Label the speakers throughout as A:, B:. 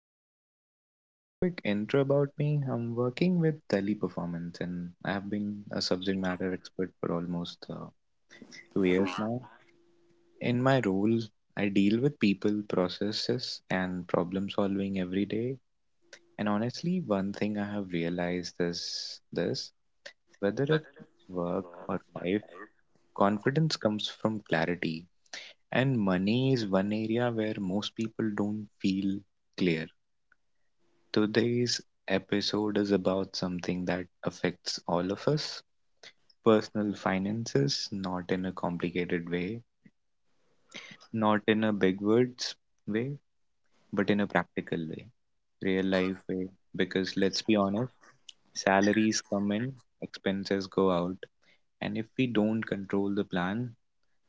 A: today. A quick intro about me. I'm working with Delhi Performance and I have been a subject matter expert for almost 2 years now. In my role, I deal with people, processes, and problem solving every day. And honestly, one thing I have realized is this: whether at work or life, confidence comes from clarity. And money is one area where most people don't feel clear. Today's episode is about something that affects all of us: personal finances, not in a complicated way, not in a big words way, but in a practical way, real life way. Because let's be honest, salaries come in, expenses go out, and if we don't control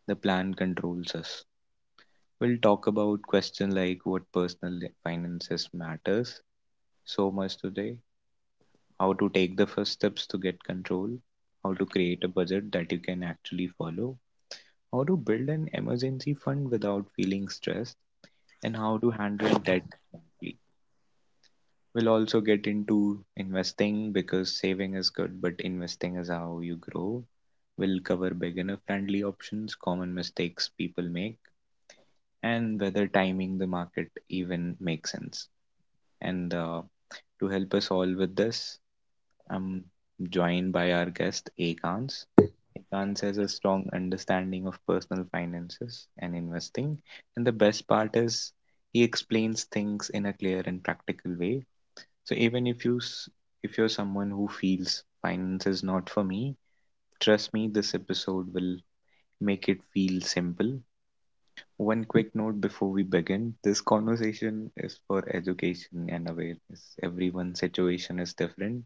A: the plan controls us. We'll talk about questions like what personal finances matters so much today, how to take the first steps to get control, how to create a budget that you can actually follow, how to build an emergency fund without feeling stressed, and how to handle debt smartly. We'll also get into investing because saving is good, but investing is how you grow. We'll cover beginner friendly options, common mistakes people make, and whether timing the market even makes sense. And to help us all with this, I'm joined by our guest, Akans. Akans has a strong understanding of personal finances and investing. And the best part is he explains things in a clear and practical way. So even if you're someone who feels finance is not for me, trust me, this episode will make it feel simple. One quick note before we begin. This conversation is for education and awareness. Everyone's situation is different,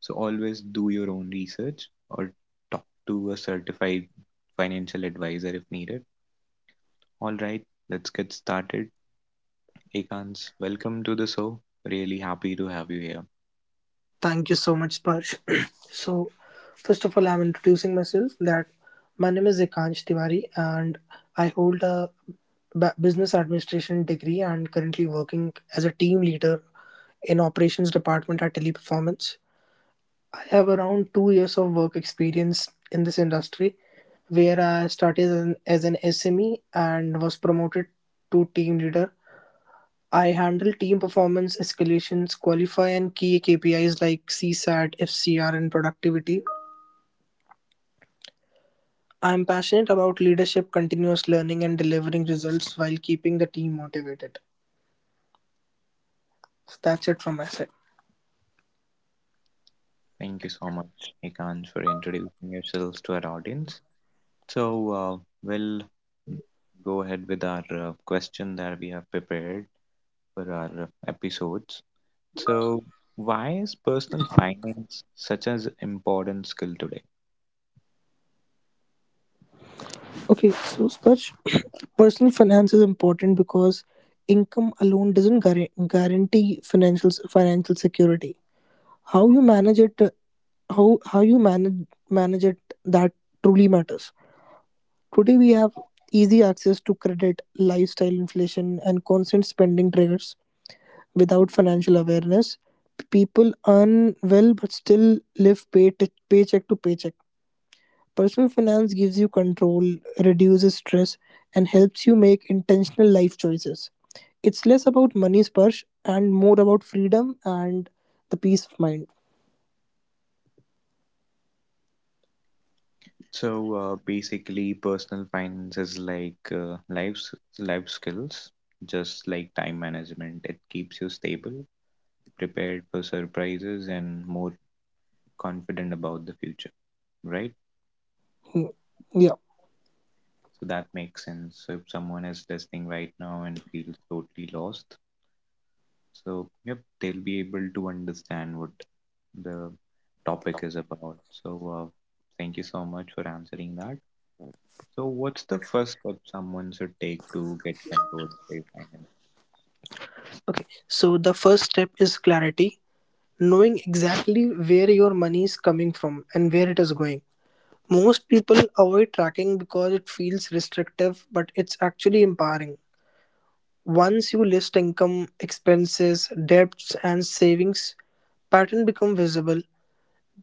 A: so always do your own research or talk to a certified financial advisor if needed. All right, let's get started. Ekans, welcome to the show. Really happy to have you here.
B: Thank you so much, Sparsh. so, First of all, I'm introducing myself that my name is Ekansh Tiwari, and I hold a business administration degree and currently working as a team leader in operations department at Teleperformance. I have around 2 years of work experience in this industry where I started as an SME and was promoted to team leader. I handle team performance escalations, qualify and key KPIs like CSAT, FCR, and productivity. I am passionate about leadership, continuous learning, and delivering results while keeping the team motivated. So that's it from my side.
A: Thank you so much, Ekans, for introducing yourselves to our audience. So, uh, we'll go ahead with our question that we have prepared for our episodes. So, why is personal finance such an important skill today?
B: Okay, so Sparsh, personal finance is important because income alone doesn't guarantee financial security. How you manage it, how you manage it, that truly matters. Today we have easy access to credit, lifestyle inflation, and constant spending triggers. Without financial awareness, people earn well but still live paycheck to paycheck. Personal finance gives you control, reduces stress, and helps you make intentional life choices. It's less about money, sparsh, and more about freedom and the peace of mind.
A: So, basically, personal finance is like, life skills, just like time management. It keeps you stable, prepared for surprises, and more confident about the future, right?
B: Hmm. Yeah.
A: So that makes sense. So if someone is listening right now and feels totally lost, so yep, they'll be able to understand what the topic is about. So, uh, thank you so much for answering that. So, what's the first step someone should take to get control of their finances?
B: Okay. So the first step is clarity, knowing exactly where your money is coming from and where it is going. Most people avoid tracking because it feels restrictive, but it's actually empowering. Once you list income, expenses, debts, and savings, pattern become visible.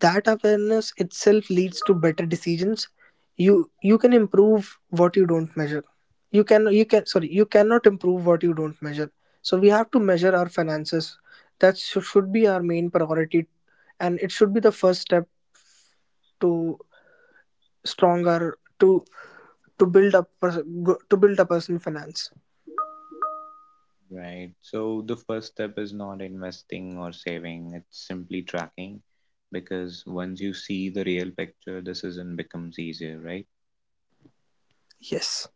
B: That awareness itself leads to better decisions. You can improve what you don't measure. You can, you can, sorry, you cannot improve what you don't measure. So we have to measure our finances. That should be our main priority, and it should be the first step to stronger to build up pers- go- to build a personal finance.
A: Right. So, the first step is not investing or saving, it's simply tracking, because once you see the real picture, decision becomes easier, right?
B: Yes.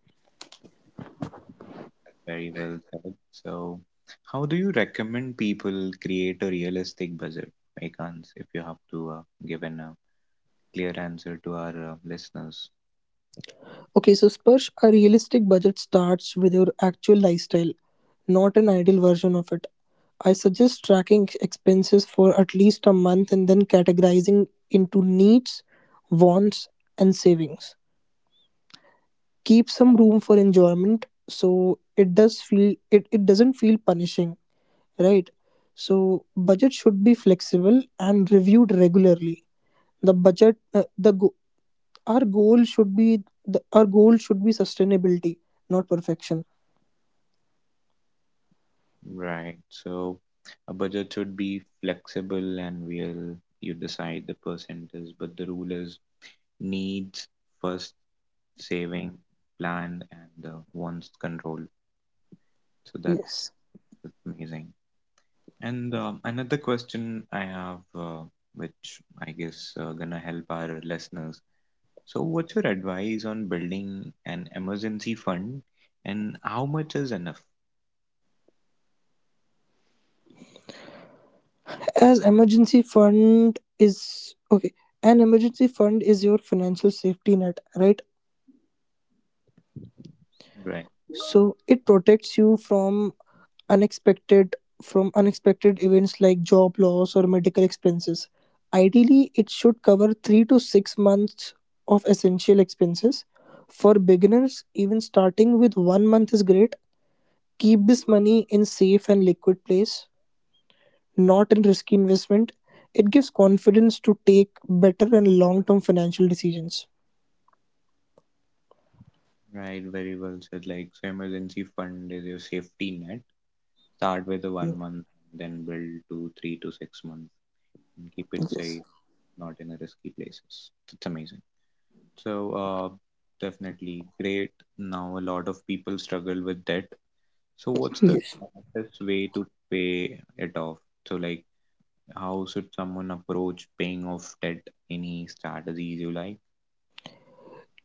A: That's very well said. So, how do you recommend people create a realistic budget, Ekans, if you have to give a clear answer to our listeners?
B: Okay, so Sparsh, a realistic budget starts with your actual lifestyle, not an ideal version of it. I suggest tracking expenses for at least a month and then categorizing into needs, wants, and savings. Keep some room for enjoyment, so it doesn't feel punishing, right? So budget should be flexible and reviewed regularly. The budget the go Our goal should be sustainability, not perfection.
A: Right. So a budget should be flexible and will you decide the percentage, but the rule is needs first, saving, planned, and wants control. So that's,
B: Yes.
A: that's amazing. And another question I have, which I guess gonna help our listeners. So what's your advice on building an emergency fund, and how much is enough?
B: As emergency fund is okay. An emergency fund is your financial safety net, right?
A: Right.
B: So it protects you unexpected from unexpected events like job loss or medical expenses. Ideally, it should cover 3 to 6 months of essential expenses. For beginners, even starting with 1 month is great. Keep this money in safe and liquid place, not in risky investment. It gives confidence to take better and long term financial decisions.
A: Right, very well said. Like, so emergency fund is your safety net. Start with the
B: Mm.
A: 1 month, then build to 3 to 6 months, and keep it
B: Yes.
A: safe, not in a risky places. It's amazing. So, definitely great. Now, a lot of people struggle with debt. So, what's the
B: Yes.
A: smartest way to pay it off? So, like, how should someone approach paying off debt? Any strategies you like?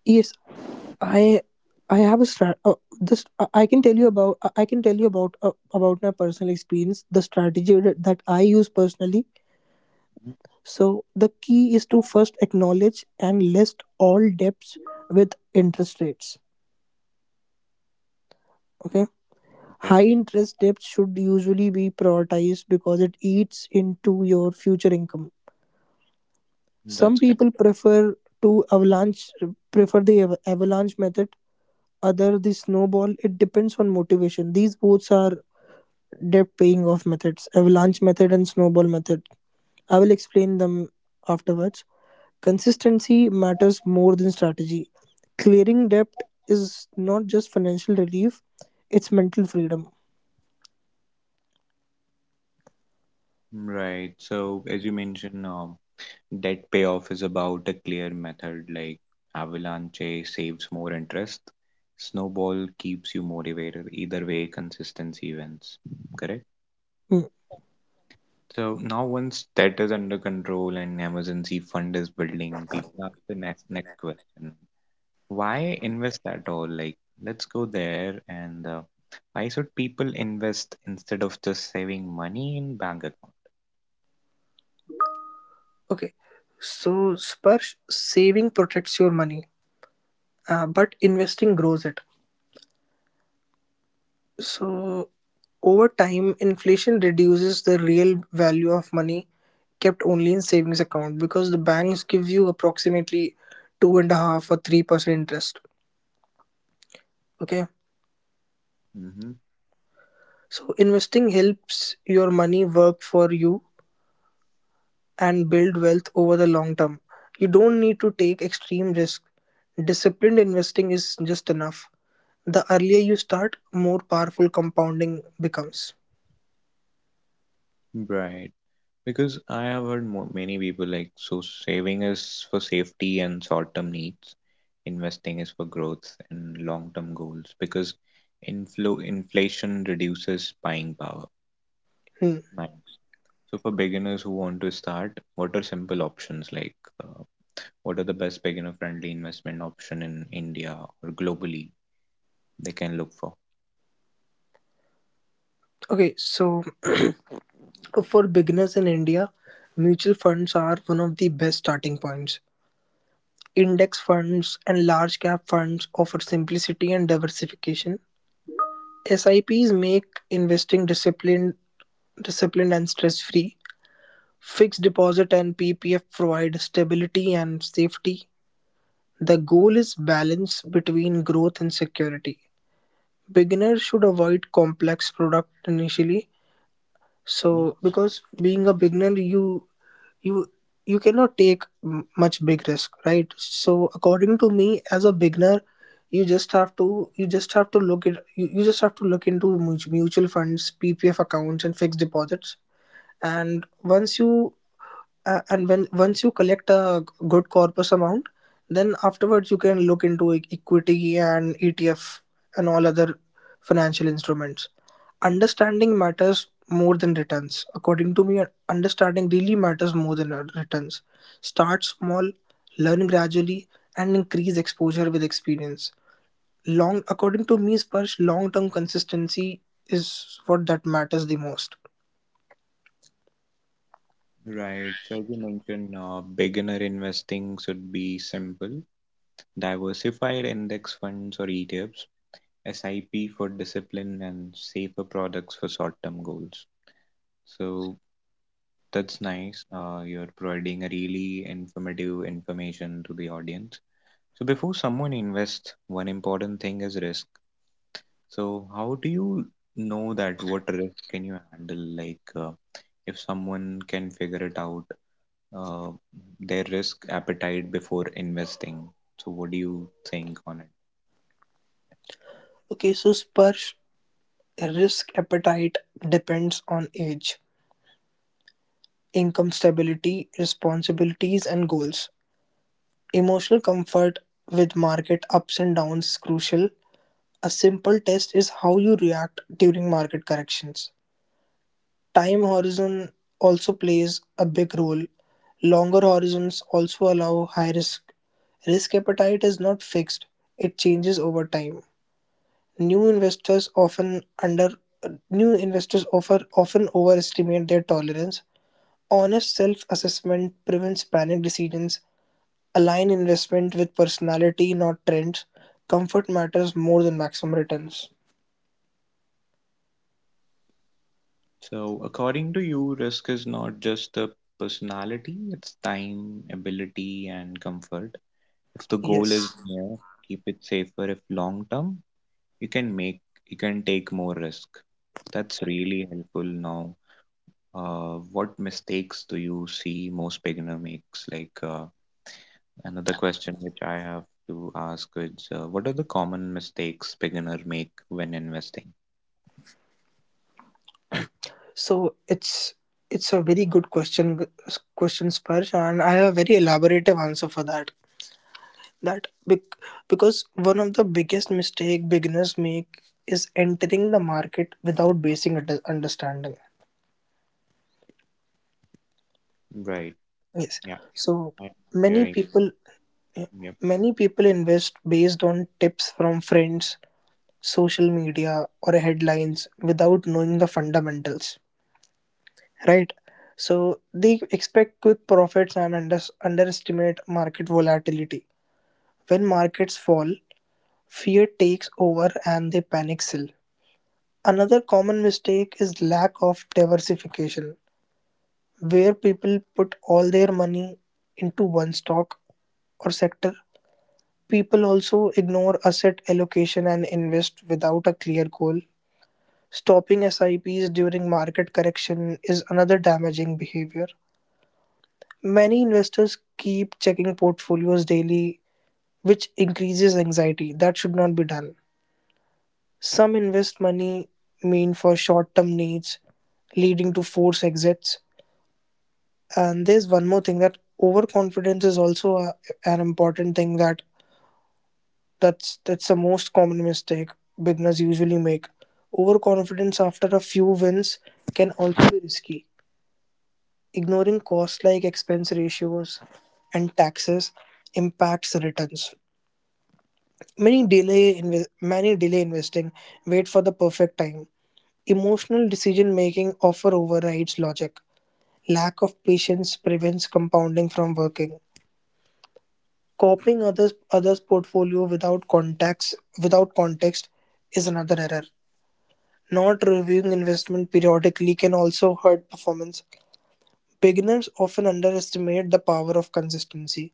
B: Yes. I I have a strat. This I can tell you about. I can tell you about my personal experience. The strategy that I use personally.
A: Mhm.
B: So the key is to first acknowledge and list all debts with interest rates. Okay.
A: Okay,
B: High interest debts should usually be prioritized because it eats into your future income. Some
A: that's good.
B: people prefer to avalanche prefer the av- avalanche method, other the snowball. It depends on motivation. These both are debt paying off methods, avalanche method and snowball method. I will explain them afterwards. Consistency matters more than strategy. Clearing debt is not just financial relief, it's mental freedom.
A: Right. So, as you mentioned, debt payoff is about a clear method, like Avalanche A saves more interest, Snowball keeps you motivated. Either way, consistency wins. Correct?
B: Hmm.
A: So now, once debt is under control and emergency fund is building, people ask the next question. Why invest at all? Like, let's go there. And why should people invest instead of just saving money in bank account?
B: Okay, so Sparsh, saving protects your money, but investing grows it. So over time, inflation reduces the real value of money kept only in savings account, because the banks give you approximately two and a half or 3% interest. Okay.
A: Mm-hmm.
B: So investing helps your money work for you and build wealth over the long term. You don't need to take extreme risk. Disciplined investing is just enough. The earlier you start, more powerful compounding becomes.
A: Right. Because I have heard many people, like, so saving is for safety and short term needs, investing is for growth and long term goals, because inflation reduces buying power.
B: Hmm.
A: Nice. So, for beginners who want to start, what are simple options like? Uh, what are the best beginner friendly investment option in India or globally they can look for?
B: Okay, so for beginners in India, mutual funds are one of the best starting points. Index funds and large cap funds offer simplicity and diversification. SIPs make investing disciplined and stress free. Fixed deposit and PPF provide stability and safety. The goal is balance between growth and security. Beginners should avoid complex products initially,
A: Mhm.
B: so because being a beginner, you you cannot take much big risk, right? So according to me, as a beginner, you just have to you just have to look at you just have to look into mutual funds, PPF accounts, and fixed deposits. And once you uh, and when once you collect a good corpus amount, then afterwards you can look into equity and ETF and all other financial instruments. Understanding matters more than returns, according to me. Understanding really matters more than returns. Start small, learn gradually, and increase exposure with experience. Long According to me, Sparsh, long term consistency is what that matters the most.
A: Right. So, as you mentioned, beginner investing should be simple. Diversified index funds or ETFs, SIP for discipline, and safer products for short-term goals. So that's nice. You're providing a really informative information to the audience. So before someone invests, one important thing is risk. So how do you know that what risk can you handle? Like, if someone can figure it out, uh, their risk appetite before investing. So what do you think on it?
B: Okay, so Sparsh, risk appetite depends on age, income stability, responsibilities, and goals. Emotional comfort with market ups and downs is crucial. A simple test is how you react during market corrections. Time horizon also plays a big role. Longer horizons also allow high risk. Risk appetite is not fixed, it changes over time. New investors often under New investors offer often overestimate their tolerance. Honest self-assessment prevents panic decisions. Align investment with personality, not trends. Comfort matters more than maximum returns.
A: So, according to you, risk is not just the personality, it's time, ability, and comfort. If the goal is
B: Yes.
A: near, keep it safer. If long term, you can make, you can take more risk. That's really helpful now. What mistakes do you see most beginner makes? Like, another question which I have to ask is, what are the common mistakes beginner make when investing?
B: So it's a very good question, Sparsh, and I have a very elaborative answer for that. that bec- because one of the biggest mistake beginners make is entering the market without basic understanding.
A: Right.
B: Yes.
A: Yeah,
B: So
A: I'm
B: many
A: hearing.
B: people yeah,
A: Yep.
B: many people invest based on tips from friends, social media, or headlines without knowing the fundamentals, right? So they expect quick profits and underestimate market volatility. When markets fall, fear takes over and they panic sell. Another common mistake is lack of diversification, where people put all their money into one stock or sector. People also ignore asset allocation and invest without a clear goal. Stopping SIPs during market correction is another damaging behavior. Many investors keep checking portfolios daily, which increases anxiety. That should not be done. Some invest money mean for short term needs, leading to forced exits. And there's one more thing, that overconfidence is also an important thing. That's the most common mistake beginners usually make. Overconfidence after a few wins can also be risky. Ignoring costs like expense ratios and taxes impacts returns. Many delay investing, wait for the perfect time. Emotional decision making often overrides logic. Lack of patience prevents compounding from working. Copying others' portfolio without context is another error. Not reviewing investment periodically can also hurt performance. Beginners often underestimate the power of consistency.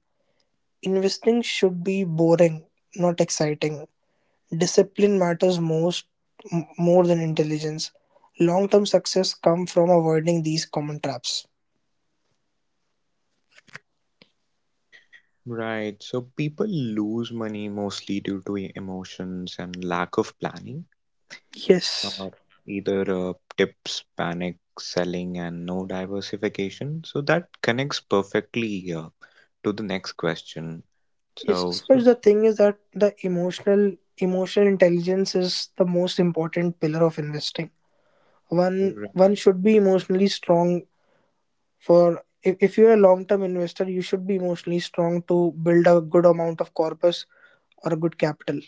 B: Investing should be boring, not exciting. Discipline matters more than intelligence. Long-term success comes from avoiding these common traps.
A: Right. So people lose money mostly due to emotions and lack of planning,
B: Yes.
A: uh, either tips, panic selling, and no diversification. So that connects perfectly to the next question.
B: Yes,
A: So, so,
B: but the thing is that the emotional intelligence is the most important pillar of investing. One
A: right.
B: one should be emotionally strong for if you're a long term investor. You should be emotionally strong to build a good amount of corpus or a good capital,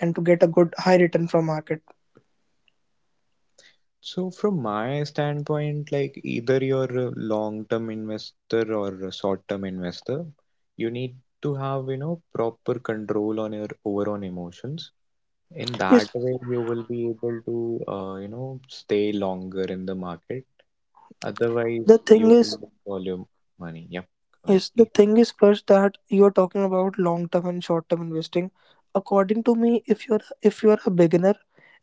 B: and to get a good high return from market.
A: So from my standpoint, like either you're a long-term investor or a short-term investor, you need to have, proper control on your over on emotions. In that
B: Yes,
A: way, you will be able to, stay longer in the market. Otherwise,
B: the thing
A: you will
B: is
A: lose all your money. Yep, go ahead,
B: Yes, the
A: please.
B: thing is first that you're talking about long term and short term investing. According to me, if you're a beginner,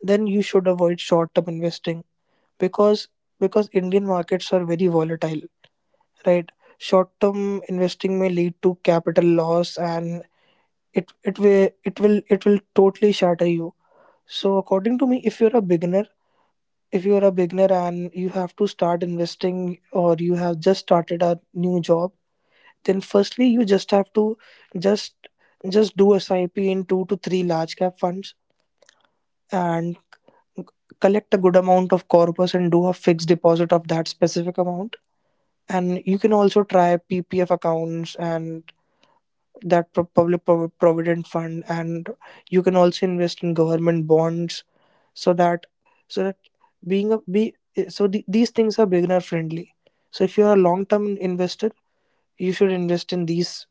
B: then you should avoid short term investing, because because Indian markets are very volatile, right? Short term investing may lead to capital loss, and it will totally shatter you. So according to me, if you're a beginner, and you have to start investing or you have just started a new job, then firstly you just have to just just do SIP in two to three large cap funds, and collect a good amount of corpus and do a fixed deposit of that specific amount. And you can also try PPF accounts, and that public provident fund, and you can also invest in government bonds, so that so that being a be so the, these things are beginner friendly. So if you are a long term investor, you should invest in these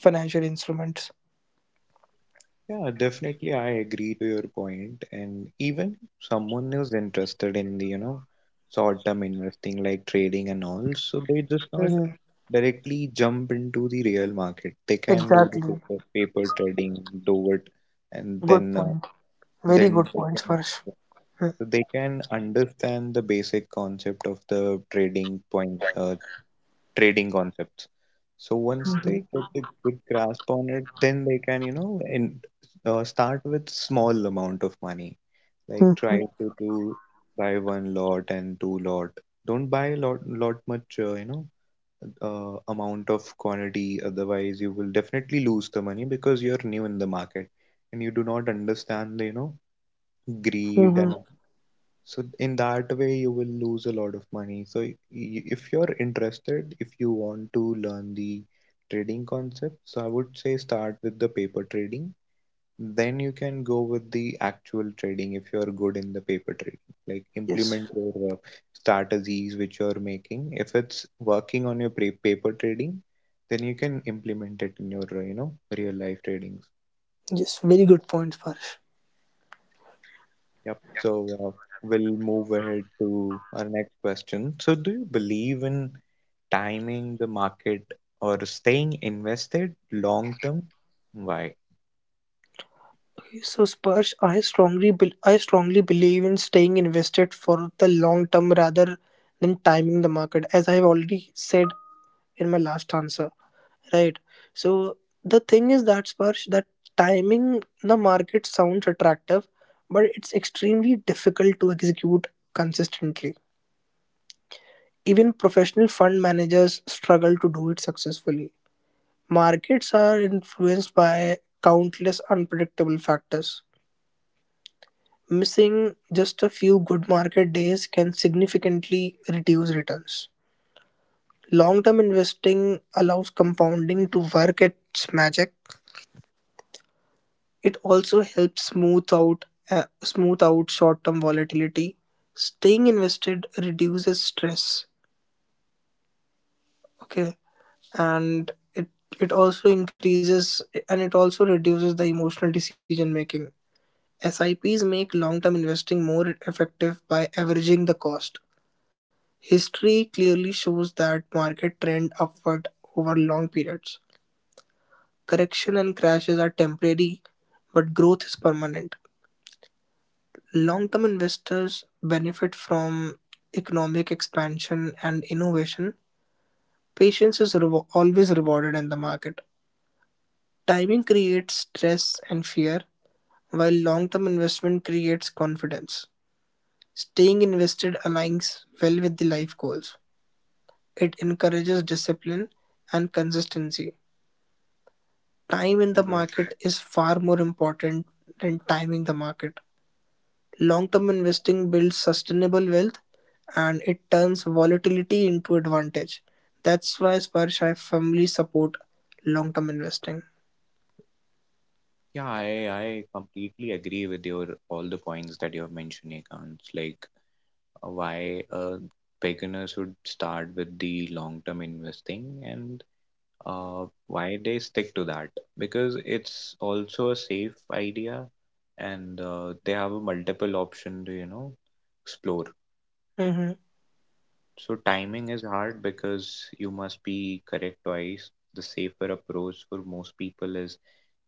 B: financial instruments.
A: Yeah, definitely, I agree to your point. And even someone who's interested in the, short-term investing like trading and all, so they just not
B: Hmm.
A: directly jump into the real market. They can do the
B: Exactly.
A: paper trading, do it, and
B: Good
A: then uh,
B: point. Very good
A: then they
B: points,
A: can.
B: Farsh.
A: So they can understand the basic concept of the trading point, trading concepts. So once they get a good grasp on it, then they can, start with small amount of money, like
B: Mm-hmm.
A: try to do buy one lot and two lot. Don't buy lot much, amount of quantity, otherwise you will definitely lose the money because you're new in the market and you do not understand the, greed, and
B: Hmm.
A: so in that way, you will lose a lot of money. So if you want to learn the trading concept, so I would say start with the paper trading. Then you can go with the actual trading if you're good in the paper trading. Like,
B: Yes.
A: implement your strategies which you're making. If it's working on your paper trading, then you can implement it in your, real life tradings.
B: Yes. Very good points, Farsh.
A: Yep. So, we'll move ahead to our next question. So, do you believe in timing the market or staying invested long term, why?
B: Okay, so Spurs, I strongly believe in staying invested for the long term rather than timing the market, as I've already said in my last answer, right? So the thing is that, Spurs, that timing the market sounds attractive, but it's extremely difficult to execute consistently. Even professional fund managers struggle to do it successfully. Markets are influenced by countless unpredictable factors. Missing just a few good market days can significantly reduce returns. Long term investing allows compounding to work its magic. It also helps smooth out short term volatility. Staying invested reduces stress, okay, and it also increases, and it also reduces the emotional decision making. Sips make long term investing more effective by averaging the cost. History clearly shows that market trend upward over long periods. Correction and crashes are temporary, but growth is permanent. Long term investors benefit from economic expansion and innovation. Always rewarded in the market. Timing creates stress and fear, while long-term investment creates confidence. Staying invested aligns well with the life goals. It encourages discipline and consistency. Time in the
A: Right.
B: market is far more important than timing the market. Long-term investing builds sustainable wealth, and it turns volatility into advantage. That's why, Sparsh, I firmly support long-term investing.
A: Yeah, I completely agree with your all the points that you have mentioned, Ekans. Like, why beginners should start with the long-term investing, and why they stick to that, because it's also a safe idea, and they have a multiple option to explore.
B: Mhm.
A: So timing is hard because you must be correct twice. The safer approach for most people is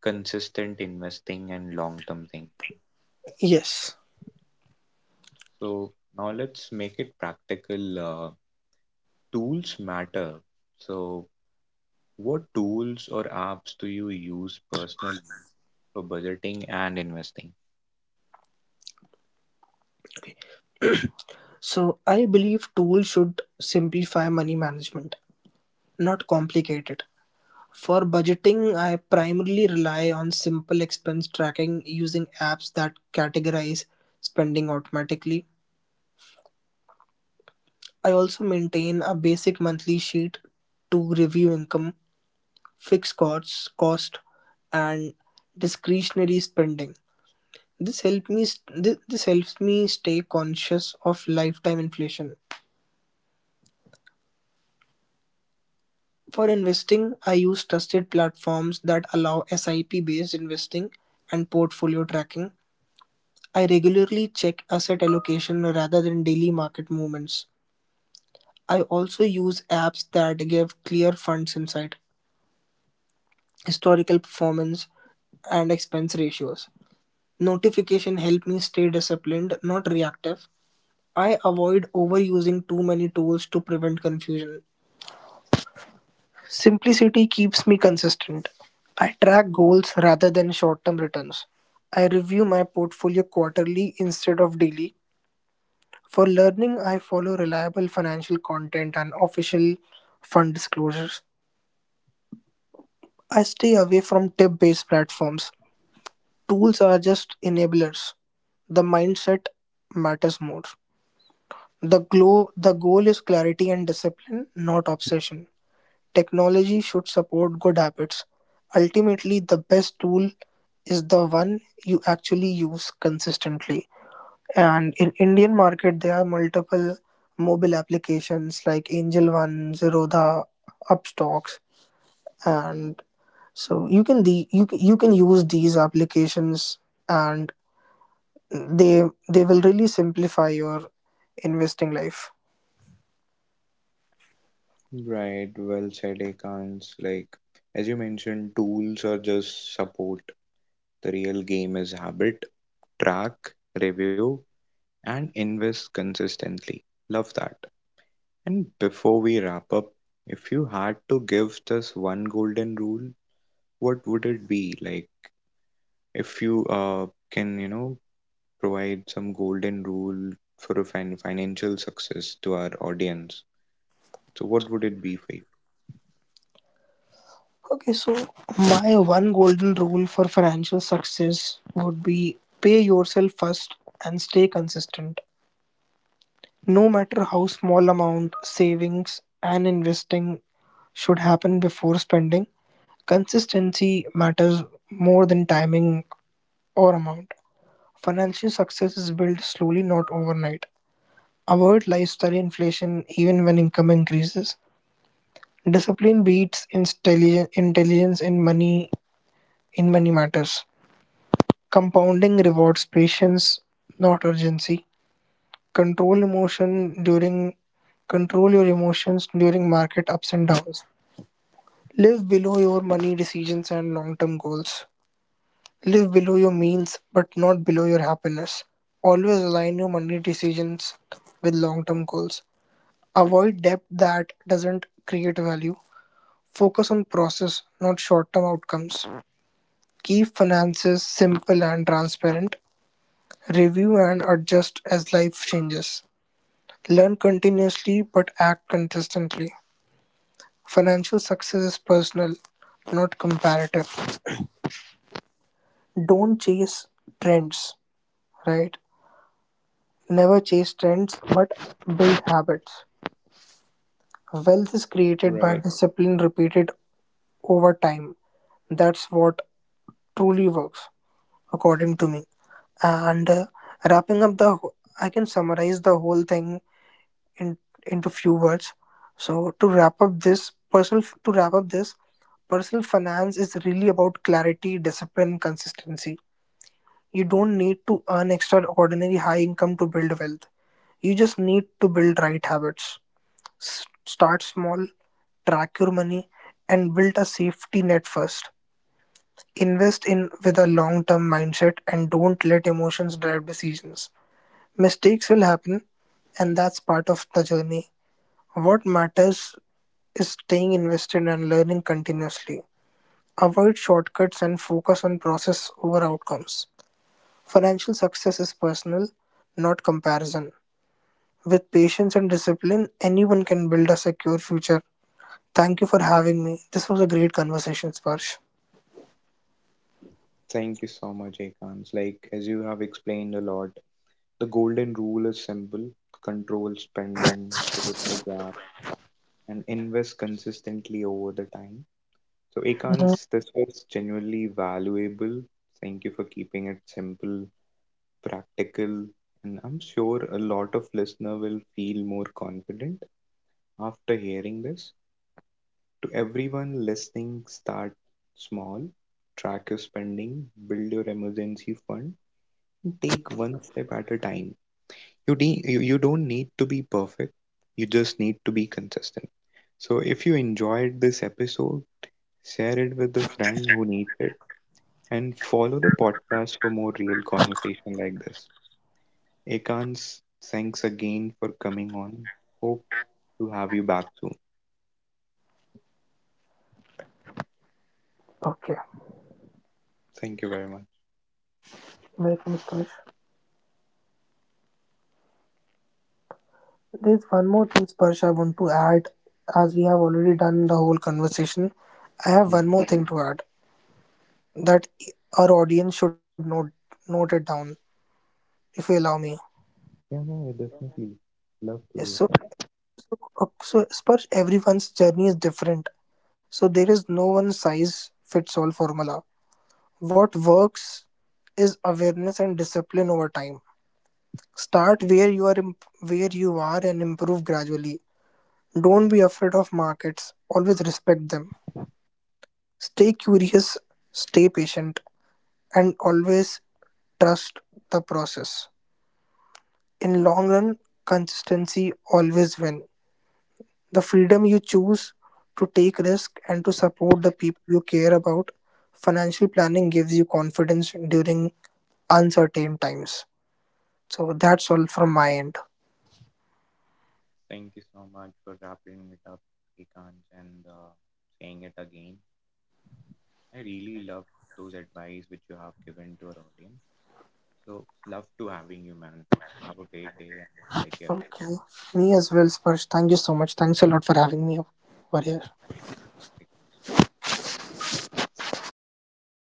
A: consistent investing and long-term thinking.
B: Yes.
A: So now let's make it practical. Tools matter. So what tools or apps do you use personally for budgeting and investing?
B: So I believe tools should simplify money management, not complicate it. For budgeting, I primarily rely on simple expense tracking using apps that categorize spending automatically. I also maintain a basic monthly sheet to review income, fixed costs, cost, and discretionary spending. This helps me stay conscious of lifetime inflation. For investing, I use trusted platforms that allow SIP-based investing and portfolio tracking. I regularly check asset allocation rather than daily market movements. I also use apps that give clear funds insight, historical performance, and expense ratios. Notification help me stay disciplined, not reactive. I avoid overusing too many tools to prevent confusion. Simplicity keeps me consistent. I track goals rather than short-term returns. I review my portfolio quarterly instead of daily. For learning, I follow reliable financial content and official fund disclosures. I stay away from tip-based platforms. Tools are just enablers. The mindset matters more. The goal is clarity and discipline, not obsession. Technology should support good habits; ultimately the best tool is the one you actually use consistently. And in Indian market there are multiple mobile applications like Angel One, Zerodha, Upstocks, and so you can you can use these applications, and they will really simplify your investing life.
A: Right, well said, Akans. Like, as you mentioned, tools are just support. The real game is habit, track, review, and invest consistently. Love that. And before we wrap up, if you had to give this one golden rule, what would it be? Like, if you can, provide some golden rule for a financial success to our audience, so what would it be for you?
B: Okay, so my one golden rule for financial success would be pay yourself first and stay consistent. No matter how small amount, savings and investing should happen before spending. Consistency matters more than timing or amount. Financial success is built slowly, not overnight. Avoid lifestyle inflation even when income increases. Intelligence in money, in money matters. Compounding rewards patience, not urgency. Control emotion during Control your emotions during market ups and downs. Live below your money decisions and long-term goals. Live below your means but not below your happiness. Always align your money decisions with long-term goals. Avoid debt that doesn't create value. Focus on process, not short-term outcomes. Keep finances simple and transparent. Review and adjust as life changes. Learn continuously but act consistently. Financial success is personal, not comparative. Don't chase trends, right? Never chase trends, but build habits. Wealth is created
A: Right.
B: by discipline repeated over time. That's what truly works, according to me. And wrapping up the, I can summarize the whole thing in, into few words. So to wrap up this, personal finance is really about clarity, discipline, consistency. You don't need to earn extraordinary high income to build wealth. You just need to build right habits. Start small, track your money, and build a safety net first. Invest in with a long term mindset and don't let emotions drive decisions. Mistakes will happen, and that's part of the journey. What matters is staying invested and learning continuously. Avoid shortcuts and focus on process over outcomes. Financial success is personal, not comparison. With patience and discipline, anyone can build a secure future. Thank you for having me. This was a great conversation, Sparsh.
A: Thank you so much, Akans. Like, as you have explained a lot, the golden rule is simple: control spending, save the gap, and invest consistently over the time. So,
B: Mhm.
A: Ekans, this was genuinely valuable. Thank you for keeping it simple, practical, and I'm sure a lot of listener will feel more confident after hearing this. To everyone listening, start small, track your spending, build your emergency fund, and take one step at a time. You, de- you don't need to be perfect. You just need to be consistent. So if you enjoyed this episode, share it with a friend who needs it, and follow the podcast for more real conversation like this. Ekans, thanks again for coming on. Hope to have you back soon.
B: Okay,
A: Thank you very much.
B: welcome, Sparsh. There's one more thing, Sparsh, I want to add. As we have already done the whole conversation, I have
A: Mhm.
B: one more thing to add, that our audience should note it down, if you allow me.
A: Yeah, no, I definitely love to
B: Yes, so
A: hear.
B: so Sparsh, everyone's journey is different. So there is no one size fits all formula. What works is awareness and discipline over time. Start where you are imp- where you are and improve gradually. Don't be afraid of markets. Always respect them. Stay curious, stay patient, and always trust the process. In long run, consistency always win. The freedom you choose to take risk and to support the people you care about. Financial planning gives you confidence during uncertain times. So that's all from my end.
A: Thank you so much for wrapping it up, Ekans, and saying it again. And I really love those advice which you have given to our audience. So, love to having you, man. Have a great day and take care of yourself.
B: Okay. Me as well, Sparsh. Thank you so much. Thanks a lot for having me over
A: Yep.
B: here.